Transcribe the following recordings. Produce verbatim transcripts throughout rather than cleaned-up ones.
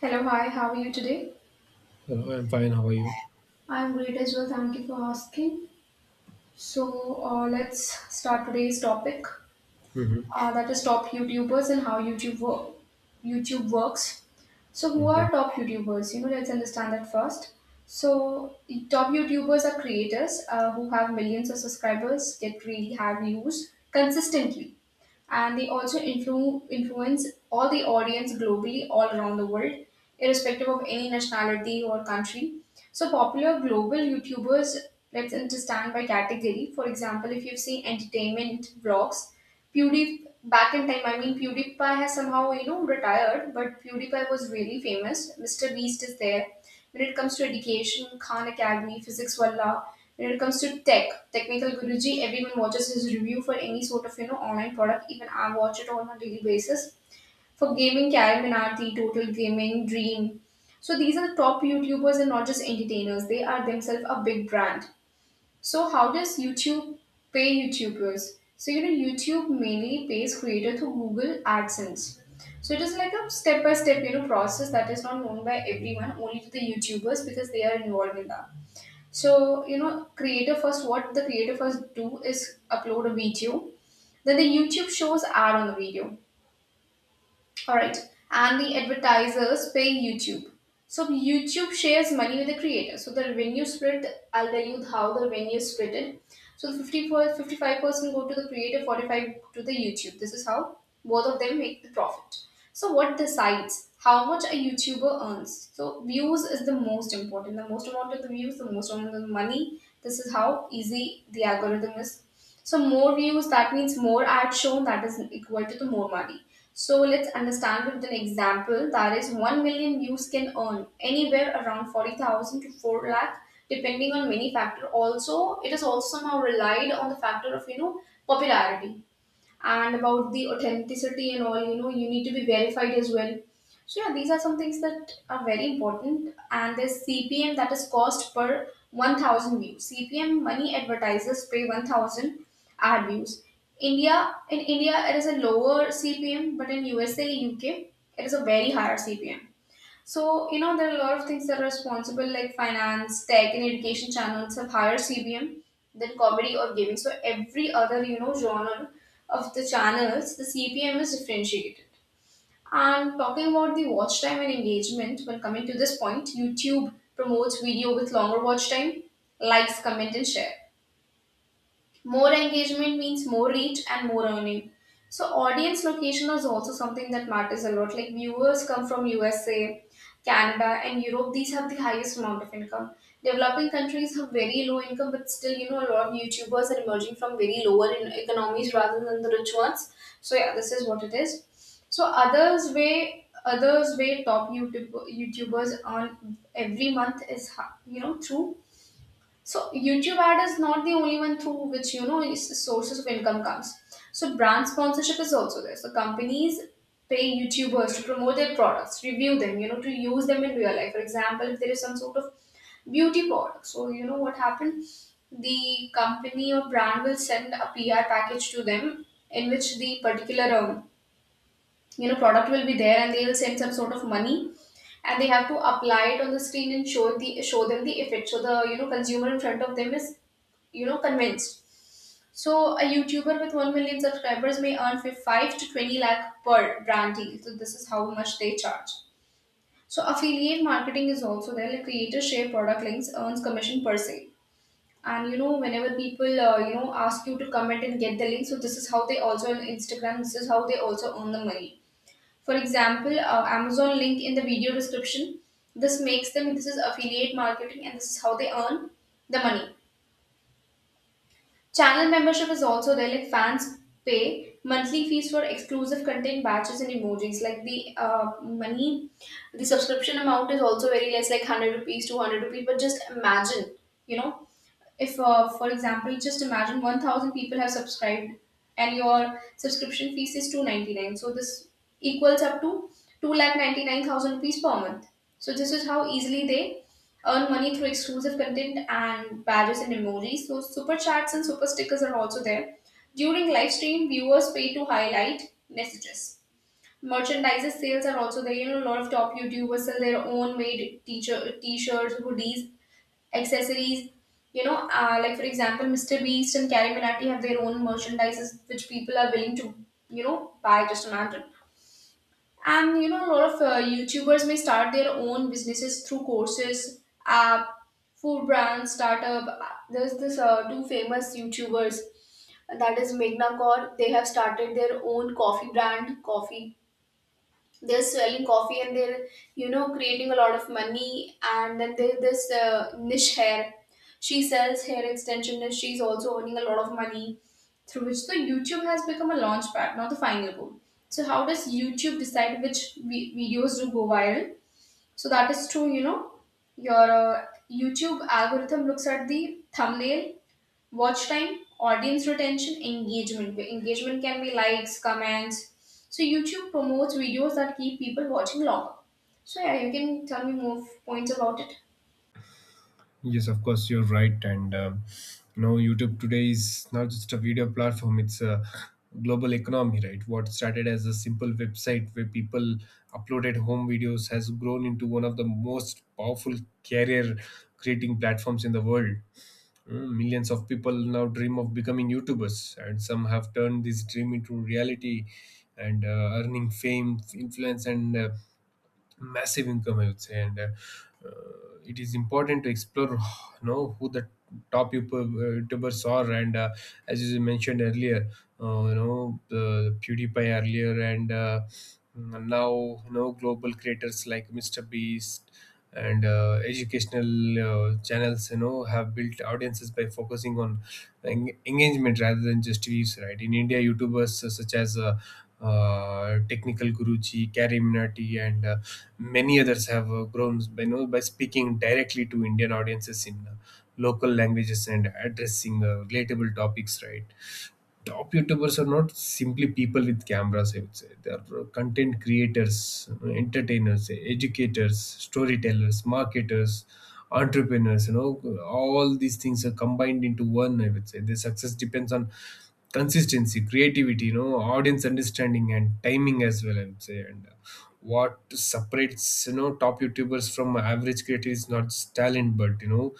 Hello, hi, how are you today? Hello, I'm fine. How are you? I'm great as well, thank you for asking. So, uh, let's start today's topic Mm-hmm. uh, that is top YouTubers and how YouTube, wo- YouTube works. So, who Okay. are top YouTubers? You know, let's understand that first. So, top YouTubers are creators uh, who have millions of subscribers, get really have views consistently, and they also influ- influence all the audience globally, all around the world, irrespective of any nationality or country. So, popular global YouTubers, let's understand by category. For example, if you see entertainment vlogs, PewDie back in time, I mean PewDiePie has somehow you know retired, but PewDiePie was really famous. Mister Beast is there. When it comes to education, Khan Academy, Physics Wallah. When it comes to tech, Technical Guruji, everyone watches his review for any sort of you know online product. Even I watch it on a daily basis. For gaming, Karen Minardi, Total Gaming, Dream. So these are the top YouTubers and not just entertainers. They are themselves a big brand. So how does YouTube pay YouTubers? So you know YouTube mainly pays creator through Google AdSense. So it is like a step by step you know process that is not known by everyone, only to the YouTubers because they are involved in that. So you know creator first what the creator first do is upload a video. Then the YouTube shows ad on the video. All right. And the advertisers pay YouTube. So YouTube shares money with the creator. So the revenue split, I'll tell you how the revenue is splitted. So fifty four, fifty five percent go to the creator, forty-five to the YouTube. This is how both of them make the profit. So what decides how much a YouTuber earns? So views is the most important. The most amount of the views, the most amount of the money. This is how easy the algorithm is. So more views, that means more ads shown, that is equal to the more money. So let's understand with an example, that is one million views can earn anywhere around forty thousand to four lakh, depending on many factor. Also it is also somehow relied on the factor of you know popularity and about the authenticity and all. You know you need to be verified as well. So yeah, these are some things that are very important. And there's CPM, that is cost per one thousand views. CPM money advertisers pay one thousand ad views. India In india it is a lower CPM, but in USA UK it is a very higher CPM. So, you know, there are a lot of things that are responsible, like finance, tech, and education channels have higher C B M than comedy or gaming. So, every other, you know, genre of the channels, the C P M is differentiated. And talking about the watch time and engagement, when coming to this point, YouTube promotes video with longer watch time, likes, comment, and share. More engagement means more reach and more earning. So audience location is also something that matters a lot. Like viewers come from U S A, Canada, and Europe. These have the highest amount of income. Developing countries have very low income, but still, you know, a lot of YouTubers are emerging from very lower in economies rather than the rich ones. So yeah, this is what it is. So others way others way top YouTube YouTubers earn every month is ho- you know through, so YouTube ad is not the only one through which you know is- sources of income comes. So brand sponsorship is also there. So companies pay YouTubers to promote their products, review them, you know, to use them in real life. For example, if there is some sort of beauty product, so you know what happened, the company or brand will send a P R package to them in which the particular um, you know product will be there and they will send some sort of money and they have to apply it on the screen and show the show them the effect, so the you know consumer in front of them is you know convinced. So a YouTuber with one million subscribers may earn fi- five to twenty lakh per brand deal. So this is how much they charge. So affiliate marketing is also there. Like creators share product links, earns commission per sale, and you know whenever people uh, you know ask you to comment and get the link, so this is how they also on Instagram. This is how they also earn the money. For example, uh, Amazon link in the video description. This makes them, this is affiliate marketing and this is how they earn the money. Channel membership is also there, like fans pay monthly fees for exclusive content batches and emojis. Like the uh, money, the subscription amount is also very less, like one hundred rupees, two hundred rupees. But just imagine, you know, if uh, for example, just imagine one thousand people have subscribed and your subscription fees is two hundred ninety-nine. So this equals up to two lakh ninety nine thousand rupees per month. So this is how easily they earn money through exclusive content and badges and emojis. So super chats and super stickers are also there. During live stream, viewers pay to highlight messages. Merchandise sales are also there. You know, a lot of top YouTubers sell their own made teacher t-shirts, hoodies, accessories. You know, uh, like for example, Mister Beast and Carrie Minati have their own merchandises which people are willing to, you know, buy just on Amazon. And you know a lot of uh, youtubers may start their own businesses through courses, app, food brands, startup. There's this uh, two famous YouTubers, that is Meghna Kaur. They have started their own coffee brand, Coffee. They're selling coffee and they're you know creating a lot of money. And then there's this uh, niche hair, she sells hair extension and she's also earning a lot of money, through which the YouTube has become a launch pad, not the final goal. So how does YouTube decide which vi- videos do go viral? So that is true, you know, your uh, YouTube algorithm looks at the thumbnail, watch time, audience retention, engagement. Engagement can be likes, comments. So YouTube promotes videos that keep people watching longer. So yeah, you can tell me more points about it. Yes, of course, you're right. And um, you know, YouTube today is not just a video platform; it's a global economy, right? What started as a simple website where people uploaded home videos has grown into one of the most powerful career-creating platforms in the world. Mm, Millions of people now dream of becoming YouTubers, and some have turned this dream into reality and uh, earning fame, influence, and uh, massive income I would say and uh, uh, it is important to explore you know who the top YouTube- uh, youtubers are and uh, as you mentioned earlier uh, you know the pewdiepie earlier and uh, mm, now you know global creators like mr beast and uh, educational uh, channels you know have built audiences by focusing on en- engagement rather than just views, right? In india youtubers such as uh, uh, technical guruji karim nati and uh, many others have uh, grown by, you know, by speaking directly to Indian audiences in uh, local languages and addressing uh, relatable topics, right? Top YouTubers are not simply people with cameras, I would say. They are uh, content creators, you know, entertainers, educators, storytellers, marketers, entrepreneurs. You know, all these things are combined into one, I would say. Their success depends on consistency, creativity, you know, audience understanding, and timing as well, I would say. And uh, what separates you know top YouTubers from average creators is not just talent, but you know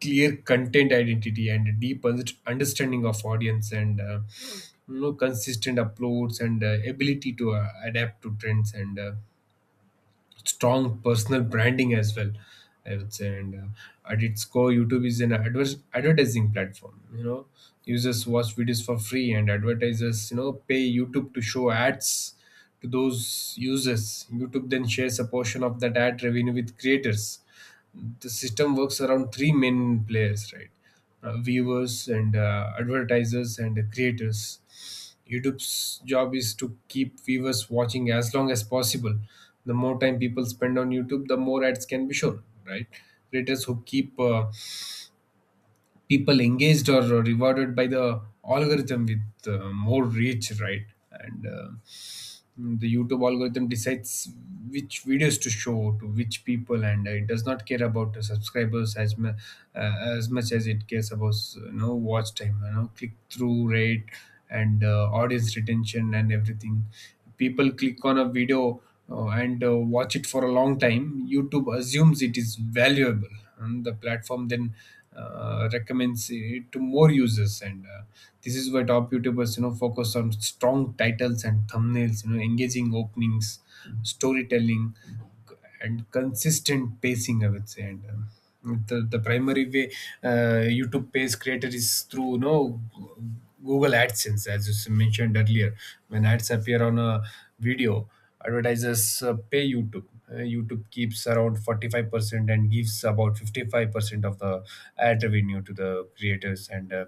clear content identity and a deep un- understanding of audience and uh, you know consistent uploads and uh, ability to uh, adapt to trends and uh, strong personal branding as well I would say. And uh, At its core youtube is an adver- advertising platform, you know, users watch videos for free and advertisers you know pay youtube to show ads to those users. Youtube then shares a portion of that ad revenue with creators. The system works around three main players, right? Uh, viewers and uh, advertisers and creators. YouTube's job is to keep viewers watching as long as possible. The more time people spend on YouTube, the more ads can be shown, right? Creators who keep uh, people engaged or rewarded by the algorithm with uh, more reach, right? And uh, Mm, the youtube algorithm decides which videos to show to which people and uh, it does not care about the subscribers as mu- uh, as much as it cares about you know watch time, you know, click through rate and uh, audience retention and everything. People click on a video uh, and uh, watch it for a long time, youtube assumes it is valuable and the platform then uh, recommends it to more users and uh, this is why top youtubers you know focus on strong titles and thumbnails, you know, engaging openings, storytelling, and consistent pacing I would say. And um, the, the primary way uh, youtube pays creator is through you know google adsense as you mentioned earlier. When ads appear on a video, advertisers uh, pay YouTube. Uh, YouTube keeps around forty-five percent and gives about fifty-five percent of the ad revenue to the creators and uh,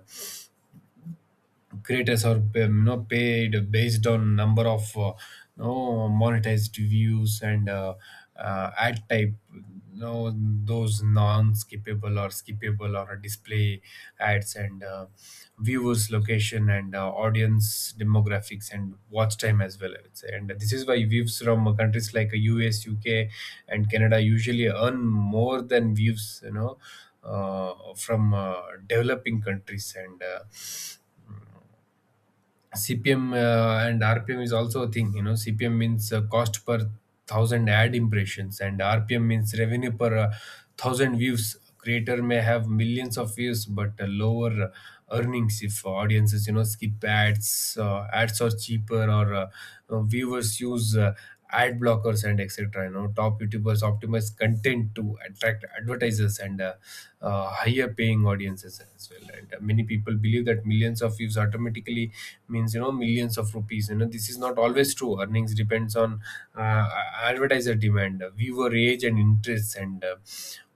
creators are um, you know paid based on number of uh, you know monetized views and uh, uh, ad type, you know, those non-skippable or skippable or display ads and uh, viewers location and uh, audience demographics and watch time as well I would say, and this is why views from countries like U S, U K and Canada usually earn more than views you know uh, from uh, developing countries and uh, C P M uh, and R P M is also a thing. You know, C P M means uh, cost per thousand ad impressions, and R P M means revenue per uh, thousand views. Creator may have millions of views, but uh, lower uh, earnings if audiences, you know, skip ads. Uh, ads are cheaper, or uh, uh, viewers use uh, ad blockers and etc. You know, top youtubers optimize content to attract advertisers and uh, uh, higher paying audiences as well and uh, many people believe that millions of views automatically means you know millions of rupees. You know this is not always true. Earnings depends on uh, advertiser demand, uh, viewer age and interests and uh,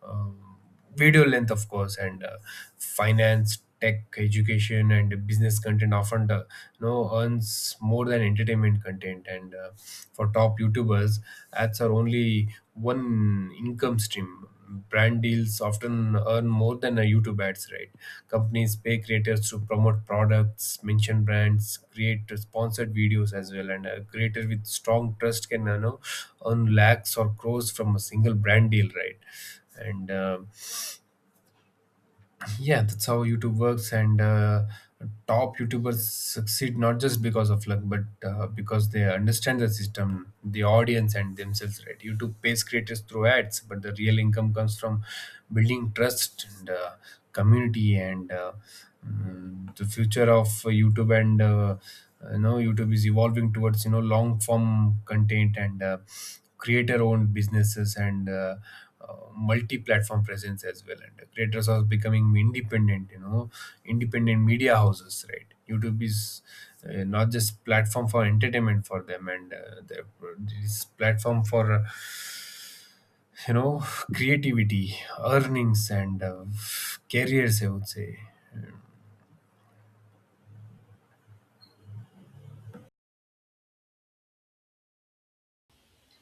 um, video length of course and uh, finance, tech, education and business content often uh, you know earns more than entertainment content and uh, for top youtubers ads are only one income stream. Brand deals often earn more than a youtube ads, right? Companies pay creators to promote products, mention brands, create sponsored videos as well and a creator with strong trust can you know earn lakhs or crores from a single brand deal, right? and uh, Yeah, that's how youtube works and uh, top youtubers succeed not just because of luck but uh, because they understand the system, the audience and themselves, right? Youtube pays creators through ads but the real income comes from building trust and uh, community and uh, mm, the future of youtube and uh, you know youtube is evolving towards you know long form content and uh, creator owned businesses and uh, uh, multi-platform presence as well and creators are becoming independent, you know, independent media houses, right? Youtube is uh, not just platform for entertainment for them and uh, the- this platform for uh, you know creativity, earnings and uh, careers I would say.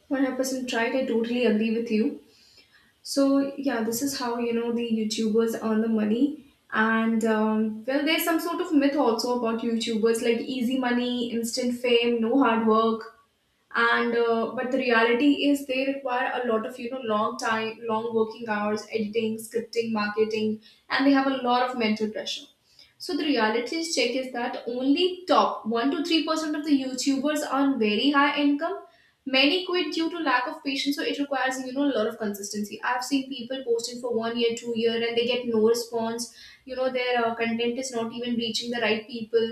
one hundred percent right. I totally agree with you. So yeah, this is how you know the YouTubers earn the money. And um, well, there's some sort of myth also about YouTubers like easy money, instant fame, no hard work. And uh, but the reality is they require a lot of you know long time, long working hours, editing, scripting, marketing, and they have a lot of mental pressure. So the reality check is that only top one to three percent of the YouTubers earn very high income. Many quit due to lack of patience, so it requires you know a lot of consistency. I've seen people posting for one year, two year, and they get no response. You know their uh, content is not even reaching the right people.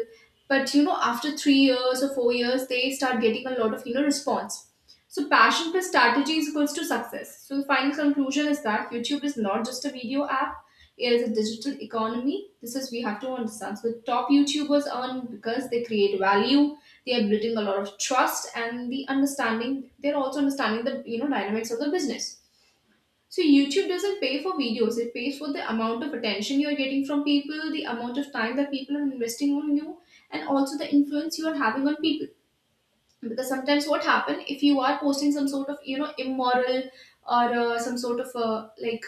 But you know after three years or four years, they start getting a lot of you know response. So passion plus strategy is equals to success. So the final conclusion is that YouTube is not just a video app, is a digital economy. This is we have to understand. So top YouTubers earn because they create value, they are building a lot of trust and the understanding, they're also understanding the you know dynamics of the business. So YouTube doesn't pay for videos, it pays for the amount of attention you're getting from people, the amount of time that people are investing on you, and also the influence you are having on people. Because sometimes what happen if you are posting some sort of you know immoral or uh, some sort of uh, like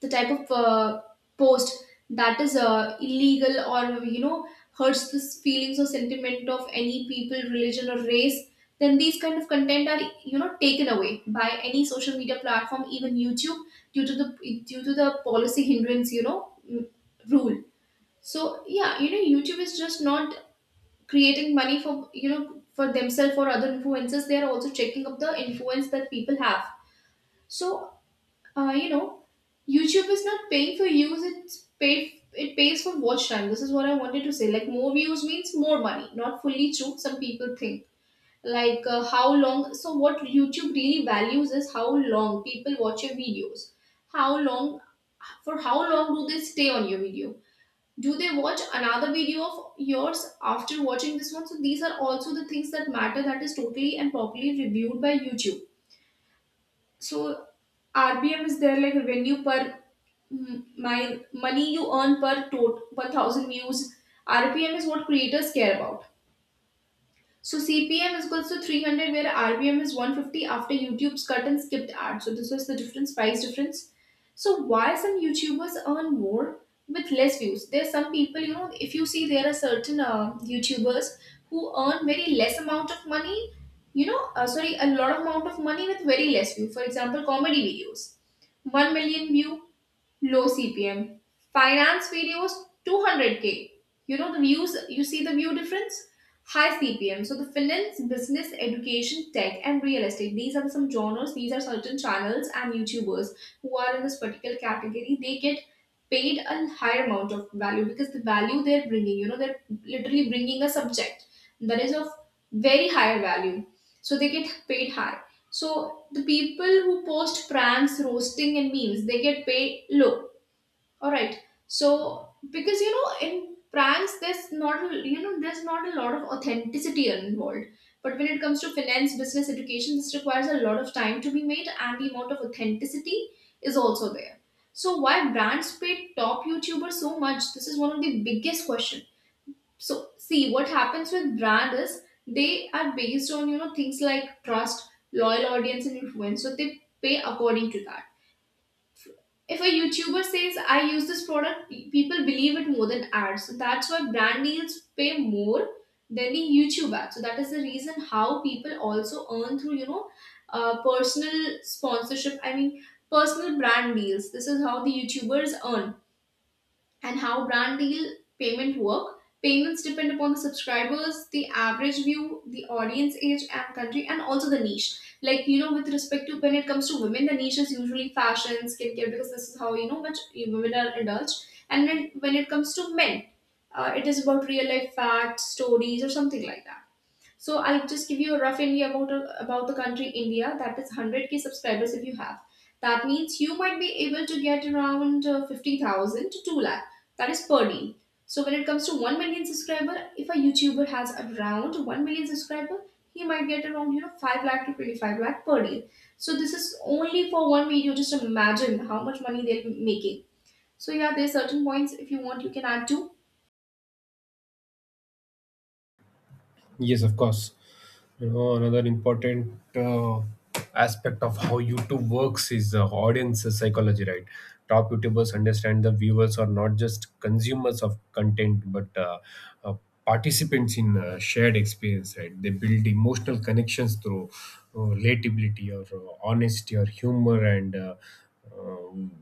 the type of uh, post that is uh, illegal or you know hurts the feelings or sentiment of any people, religion or race, then these kind of content are you know taken away by any social media platform, even YouTube, due to the due to the policy hindrance, you know, mm, rule. So yeah, you know YouTube is just not creating money for you know for themselves or other influencers, they are also checking up the influence that people have. So uh, you know, YouTube is not paying for views; it's paid. It pays for watch time. This is what I wanted to say. Like more views means more money. Not fully true. Some people think like uh, how long. So what YouTube really values is how long people watch your videos. How long For how long do they stay on your video? Do they watch another video of yours after watching this one? So these are also the things that matter. That is totally and properly reviewed by YouTube. So R B M is there like revenue per m- my money you earn per tot- per thousand views. R P M is what creators care about. So C P M is equals to three hundred, where R P M is one hundred fifty after YouTube's cut and skipped ad. So this was the difference, price difference. So why some YouTubers earn more with less views? There are some people, you know, if you see there are certain uh, YouTubers who earn very less amount of money, you know, uh, sorry, a lot of amount of money with very less view. For example, comedy videos, one million view, low C P M. Finance videos, two hundred k. You know the views, you see the view difference? High C P M. So the finance, business, education, tech, and real estate. These are some genres, these are certain channels and YouTubers who are in this particular category. They get paid a higher amount of value because the value they're bringing, you know, they're literally bringing a subject that is of very higher value. So they get paid high. So the people who post pranks, roasting, and memes, they get paid low. All right. So because you know in pranks there's not a- you know there's not a lot of authenticity involved. But when it comes to finance, business, education, this requires a lot of time to be made, and the amount of authenticity is also there. So why brands pay top YouTubers so much? This is one of the biggest questions. So see what happens with brand is they are based on you know things like trust, loyal audience, and influence. So they pay according to that. If a YouTuber says I use this product, pe- people believe it more than ads. So that's why brand deals pay more than the YouTube ads. So that is the reason how people also earn through you know uh, personal sponsorship. I mean, personal brand deals. This is how the YouTubers earn and how brand deal payment work. Payments depend upon the subscribers, the average view, the audience age and country, and also the niche. Like you know, with respect to when it comes to women, the niche is usually fashion, skincare, because this is how you know much women are indulged. And then when it comes to men, uh, it is about real life facts, stories, or something like that. So I'll just give you a rough idea about about the country India. That is one hundred k subscribers if you have. That means you might be able to get around uh, fifty thousand to two lakh. That is per day. So when it comes to one million subscriber, if a YouTuber has around one million subscriber, he might get around you know five lakh to twenty-five lakh per day. So this is only for one video. Just imagine how much money they're making. So yeah, there's certain points if you want you can add to. Yes, of course. You know, another important uh, aspect of how YouTube works is uh, audience psychology, right? Top YouTubers understand the viewers are not just consumers of content, but uh, uh, participants in uh, shared experience, right? They build emotional connections through uh, relatability or uh, honesty or humor and uh, um,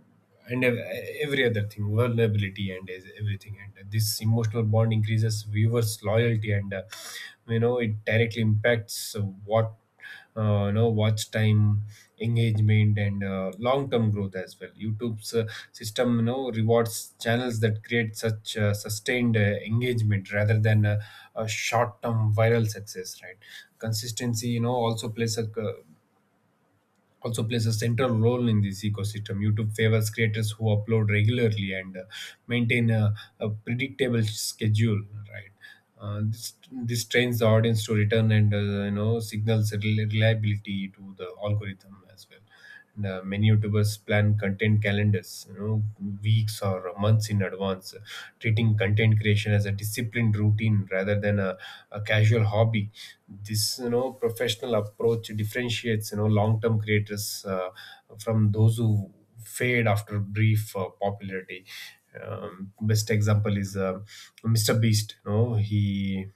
and ev- every other thing, vulnerability and is- everything, and this emotional bond increases viewers loyalty and uh, you know it directly impacts what uh, you know watch time, engagement and uh, long term growth as well. Youtube's uh, system you know rewards channels that create such uh, sustained uh, engagement rather than uh, a short term viral success, right? Consistency you know also plays a uh, also plays a central role in this ecosystem. YouTube favors creators who upload regularly and uh, maintain a, a predictable schedule, right? Uh, this this trains the audience to return and uh, you know signals reli- reliability to the algorithm as well. And, uh, many YouTubers plan content calendars, you know, weeks or months in advance, treating content creation as a disciplined routine rather than a, a casual hobby. This, you know, professional approach differentiates, you know, long-term creators uh, from those who fade after brief uh, popularity. Um, best example is uh, Mister Beast. You know, he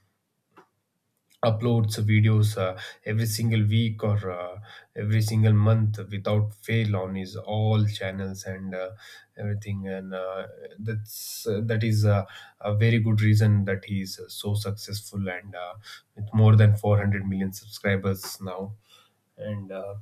uploads videos uh, every single week or uh, every single month without fail on his all channels and uh, everything and uh, that's uh, that is uh, a very good reason that he is so successful and uh, with more than four hundred million subscribers now and uh,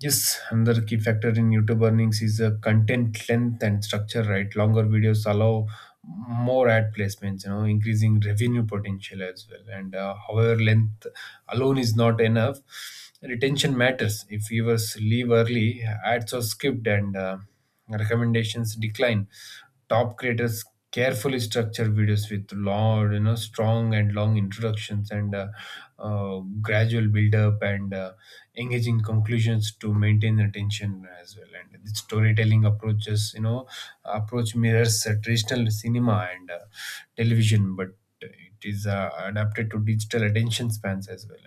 yes, another key factor in YouTube earnings is uh, content length and structure, right? Longer videos allow more ad placements, you know, increasing revenue potential as well. And uh, However, length alone is not enough. Retention matters. If viewers leave early, ads are skipped and uh, recommendations decline. Top creators carefully structure videos with long, you know, strong and long introductions and uh, uh, gradual build up and uh, engaging conclusions to maintain attention as well. And the storytelling approaches, you know, approach mirrors uh, traditional cinema and uh, television, but it is uh, adapted to digital attention spans as well.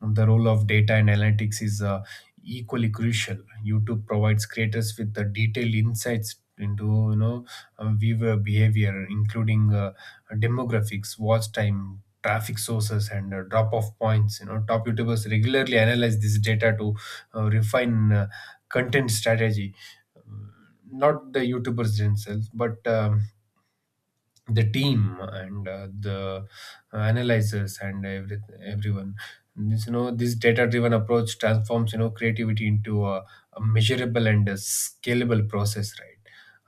And uh, The role of data and analytics is uh, equally crucial. YouTube provides creators with the detailed insights into you know uh, viewer behavior, including uh, demographics, watch time, traffic sources, and uh, drop-off points. You know, top YouTubers regularly analyze this data to uh, refine uh, content strategy. Not the YouTubers themselves, but um, the team and uh, the analyzers and every, everyone. This you know this data driven approach transforms you know creativity into a, a measurable and a scalable process, right,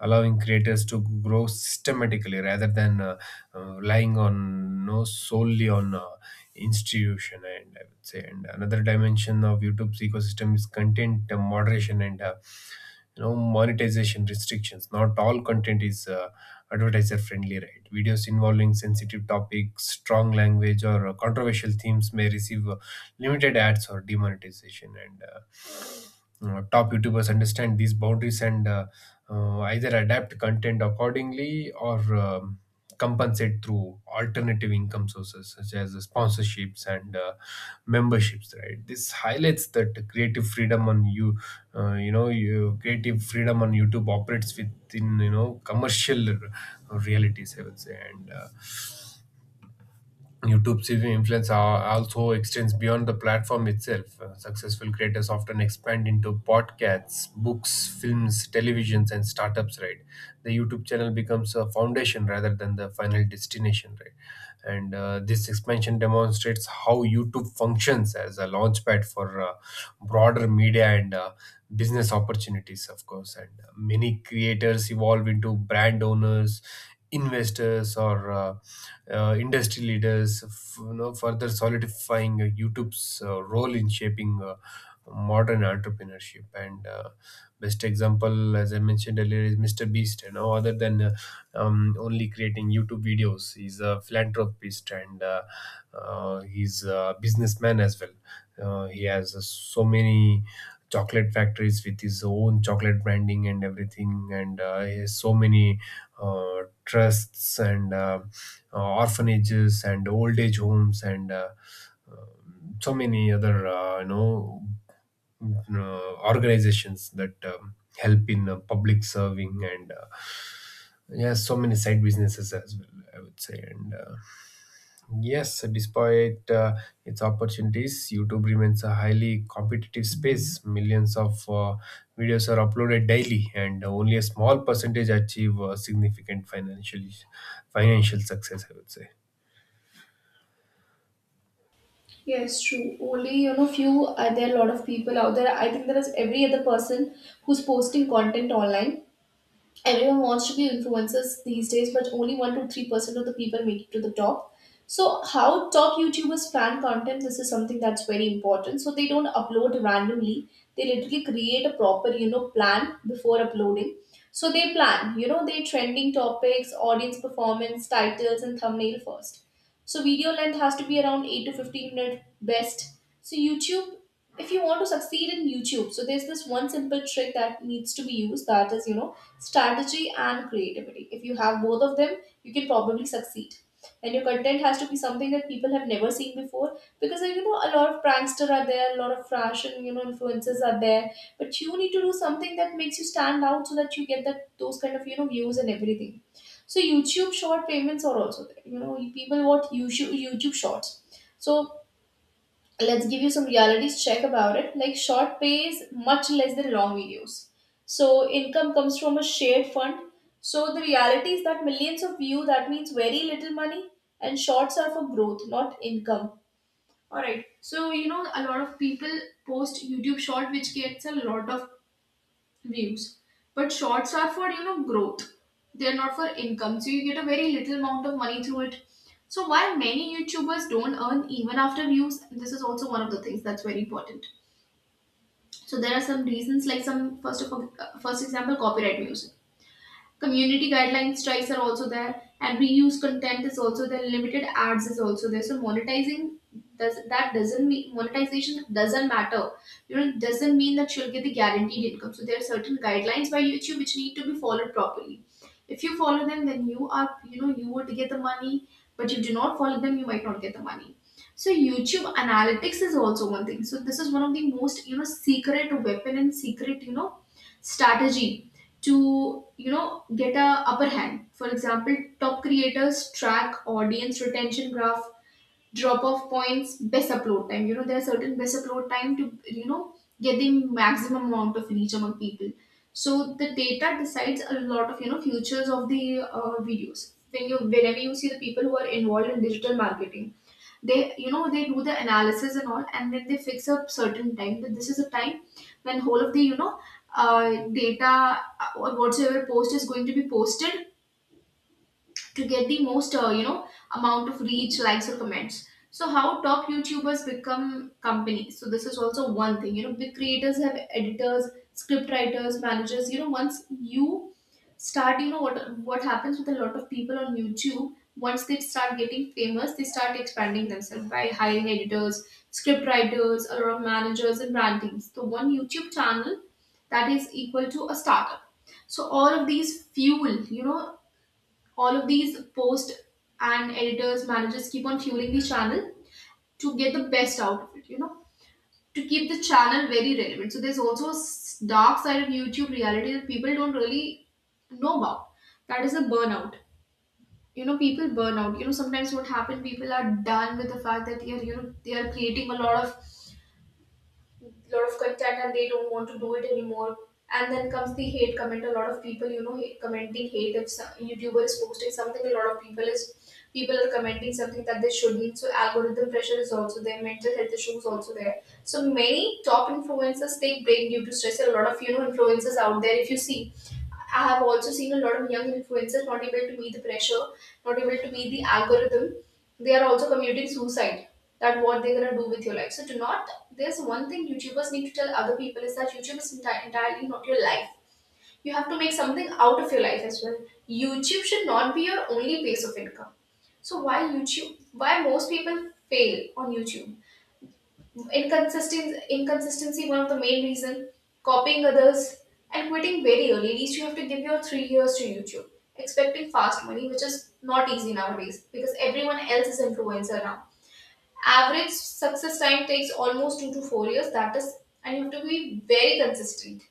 allowing creators to grow systematically rather than uh, uh, relying on no solely on uh, institution and I would say, and another dimension of youtube's ecosystem is content uh, moderation and uh, you know monetization restrictions. Not all content is uh, advertiser friendly, right? Videos involving sensitive topics, strong language, or uh, controversial themes may receive uh, limited ads or demonetization. And uh, uh, top YouTubers understand these boundaries and uh, uh, either adapt content accordingly or um, compensate through alternative income sources such as sponsorships and uh, memberships, right? This highlights that creative freedom on you uh, you know you creative freedom on youtube operates with in you know commercial r- realities I would say. And uh, YouTube's influence al- also extends beyond the platform itself. Uh, Successful creators often expand into podcasts, books, films, televisions, and startups. Right, the YouTube channel becomes a foundation rather than the final destination. Right, and uh, this expansion demonstrates how YouTube functions as a launchpad for uh, broader media and uh, business opportunities, of course. And uh, Many creators evolve into brand owners, investors or uh, uh, industry leaders, f- you know, further solidifying uh, YouTube's uh, role in shaping uh, modern entrepreneurship. And uh, Best example, as I mentioned earlier, is mister Beast. You know, other than uh, um, Only creating YouTube videos, he's a philanthropist and uh, uh, he's a businessman as well. Uh, he has uh, so many chocolate factories with his own chocolate branding and everything, and uh, he has so many uh, trusts and uh, uh, orphanages and old age homes and uh, um, so many other uh, you know uh, organizations that um, help in uh, public serving and uh, yeah, so many side businesses as well, I would say. And uh, Yes, despite uh, its opportunities, YouTube remains a highly competitive space. Millions of uh, videos are uploaded daily, and only a small percentage achieve uh, significant financial financial success, I would say. Yes, true. Only you know, few uh, there are a lot of people out there. I think there is every other person who's posting content online, everyone wants to be influencers these days, but only one to three percent of the people make it to the top. So how top YouTubers plan content, this is something that's very important. So they don't upload randomly, they literally create a proper, you know, plan before uploading. So they plan, you know, they trending topics, audience performance, titles, and thumbnail first. So video length has to be around eight to fifteen minutes best. So YouTube, if you want to succeed in YouTube, so there's this one simple trick that needs to be used that is, you know, strategy and creativity. If you have both of them, you can probably succeed. And your content has to be something that people have never seen before because uh, you know a lot of prankster are there, a lot of fashion you know influencers are there, but you need to do something that makes you stand out so that you get that those kind of you know views and everything. So YouTube short payments are also there. You know people watch YouTube YouTube shorts. So let's give you some realities check about it, like short pays much less than long videos, so income comes from a shared fund, so the reality is that millions of view that means very little money, and shorts are for growth, not income. All right. So you know, a lot of people post YouTube short, which gets a lot of views, but shorts are for you know growth, they're not for income, so you get a very little amount of money through it. So while many YouTubers don't earn even after views, this is also one of the things that's very important. So there are some reasons like some first of all, uh, first example, copyright music, community guidelines strikes are also there, and reuse content is also there, limited ads is also there. So monetizing, does that doesn't mean monetization doesn't matter. You know, it doesn't mean that you'll get the guaranteed income. So there are certain guidelines by YouTube which need to be followed properly. If you follow them, then you are you know you would get the money, but you do not follow them, you might not get the money. So YouTube analytics is also one thing. So this is one of the most you know secret weapon and secret you know strategy to you know get a upper hand. For example, top creators track audience retention graph, drop off points, best upload time. You know there are certain best upload time to you know get the maximum amount of reach among people. So the data decides a lot of you know futures of the uh, videos. When you, whenever you see the people who are involved in digital marketing, they you know they do the analysis and all, and then they fix a certain time that this is a time when whole of the you know uh, data uh, or whatsoever post is going to be posted to get the most uh, you know amount of reach, likes or comments. So how top YouTubers become companies, so this is also one thing. You know big creators have editors, script writers, managers. You know, once you start, you know what what happens with a lot of people on YouTube, once they start getting famous, they start expanding themselves by hiring editors, script writers, a lot of managers and brand teams. So one YouTube channel, that is equal to a startup. So all of these fuel you know all of these posts, and editors, managers keep on fueling the channel to get the best out of it, you know, to keep the channel very relevant. So there's also a s- dark side of YouTube reality that people don't really know about. That is a burnout. You know people burn out, you know sometimes what happen, people are done with the fact that they are you know they are creating a lot of lot of content and they don't want to do it anymore. And then comes the hate comment. A lot of people, you know, hate, commenting hate if some YouTuber is posting something. A lot of people is people are commenting something that they shouldn't. So algorithm pressure is also there. Mental health issues also there. So many top influencers take break due to stress. A lot of you know influencers out there. If you see, I have also seen a lot of young influencers not able to meet the pressure, not able to meet the algorithm. They are also committing suicide, that what they're gonna do with your life. So do not. There's one thing YouTubers need to tell other people is that YouTube is enti- entirely not your life. You have to make something out of your life as well. YouTube should not be your only base of income. So why YouTube? Why most people fail on YouTube? Inconsistency, inconsistency, one of the main reason. Copying others and quitting very early. At least you have to give your three years to YouTube. Expecting fast money, which is not easy nowadays because everyone else is influencer now. Average success time takes almost two to four years. That is, and you have to be very consistent.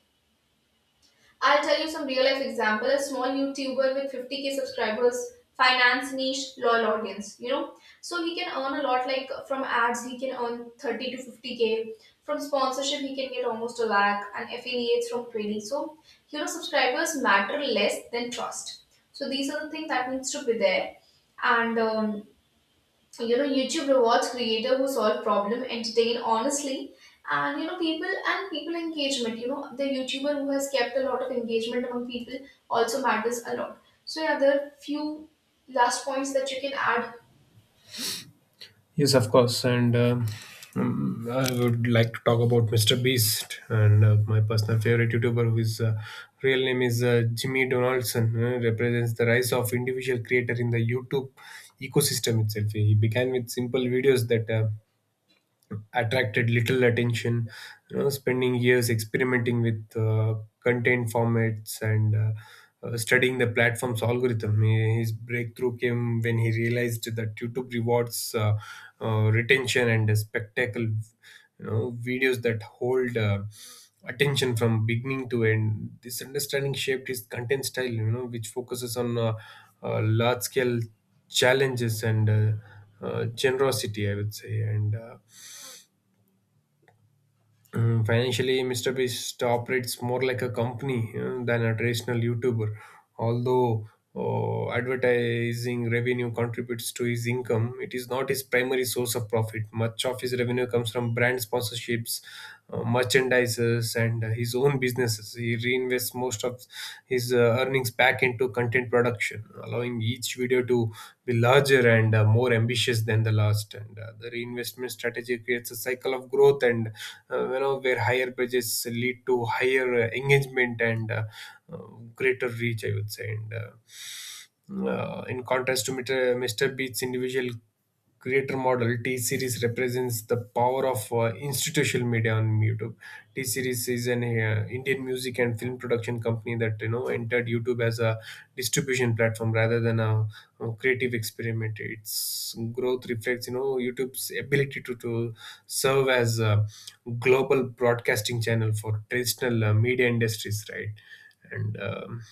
I'll tell you some real life example. A small YouTuber with fifty k subscribers, finance niche, loyal audience. You know, so he can earn a lot. Like from ads, he can earn thirty to fifty k. From sponsorship, he can get almost a lakh, and affiliates from twenty. So you know, subscribers matter less than trust. So these are the things that needs to be there. And um, so, you know, YouTube rewards creator who solve problem, entertain honestly, and you know, people and people engagement. You know, the YouTuber who has kept a lot of engagement among people also matters a lot. So yeah, there are few last points that you can add. Yes, of course. And um, um, I would like to talk about mister Beast and uh, my personal favorite YouTuber, whose uh, real name is uh, Jimmy Donaldson, uh, represents the rise of individual creator in the YouTube ecosystem itself. He began with simple videos that uh, attracted little attention, you know, spending years experimenting with uh, content formats and uh, uh, studying the platform's algorithm. He- His breakthrough came when he realized that YouTube rewards uh, uh, retention and spectacle, you know, videos that hold uh, attention from beginning to end. This understanding shaped his content style, you know, which focuses on uh, uh, large scale challenges and uh, uh, generosity, I would say. And uh, um, Financially, mister Beast operates more like a company uh, than a traditional YouTuber. Although uh, advertising revenue contributes to his income, it is not his primary source of profit. Much of his revenue comes from brand sponsorships, uh, merchandisers, and uh, his own businesses. He reinvests most of his uh, earnings back into content production, allowing each video to be larger and uh, more ambitious than the last. And uh, The reinvestment strategy creates a cycle of growth and, uh, you know, where higher bridges lead to higher uh, engagement and uh, uh, greater reach, I would say. And uh, uh, In contrast to mr, Mr. beats individual creator model, T Series represents the power of uh, institutional media on YouTube. T Series is an uh, Indian music and film production company that, you know, entered YouTube as a distribution platform rather than a uh, creative experiment. Its growth reflects, you know, youtube's ability to, to serve as a global broadcasting channel for traditional uh, media industries, right? and um,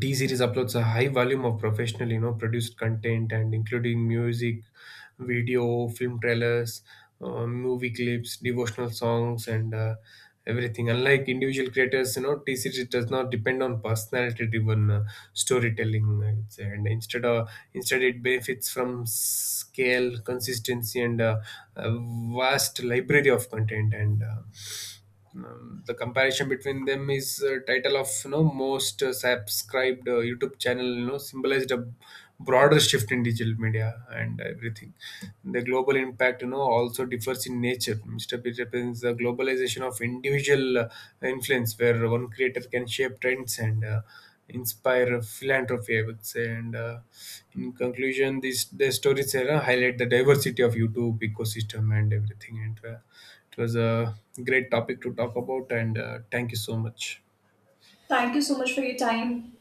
T Series uploads a high volume of professional, you know, produced content, and including music, video, film trailers, uh, movie clips, devotional songs, and uh, everything. Unlike individual creators, you know, T Series does not depend on personality-driven uh, storytelling, I'd say. And instead, uh, instead, it benefits from scale, consistency, and uh, a vast library of content. And. Uh, um, the comparison between them is uh, title of, you know, most uh, subscribed uh, YouTube channel, you know, symbolized a broader shift in digital media and everything. The global impact, you know, also differs in nature. mister P represents the globalization of individual uh, influence, where one creator can shape trends and uh, inspire philanthropy, I would say. And uh, In conclusion, these the stories era highlight the diversity of YouTube ecosystem and everything. And uh, It was a great topic to talk about, and uh, thank you so much. Thank you so much for your time.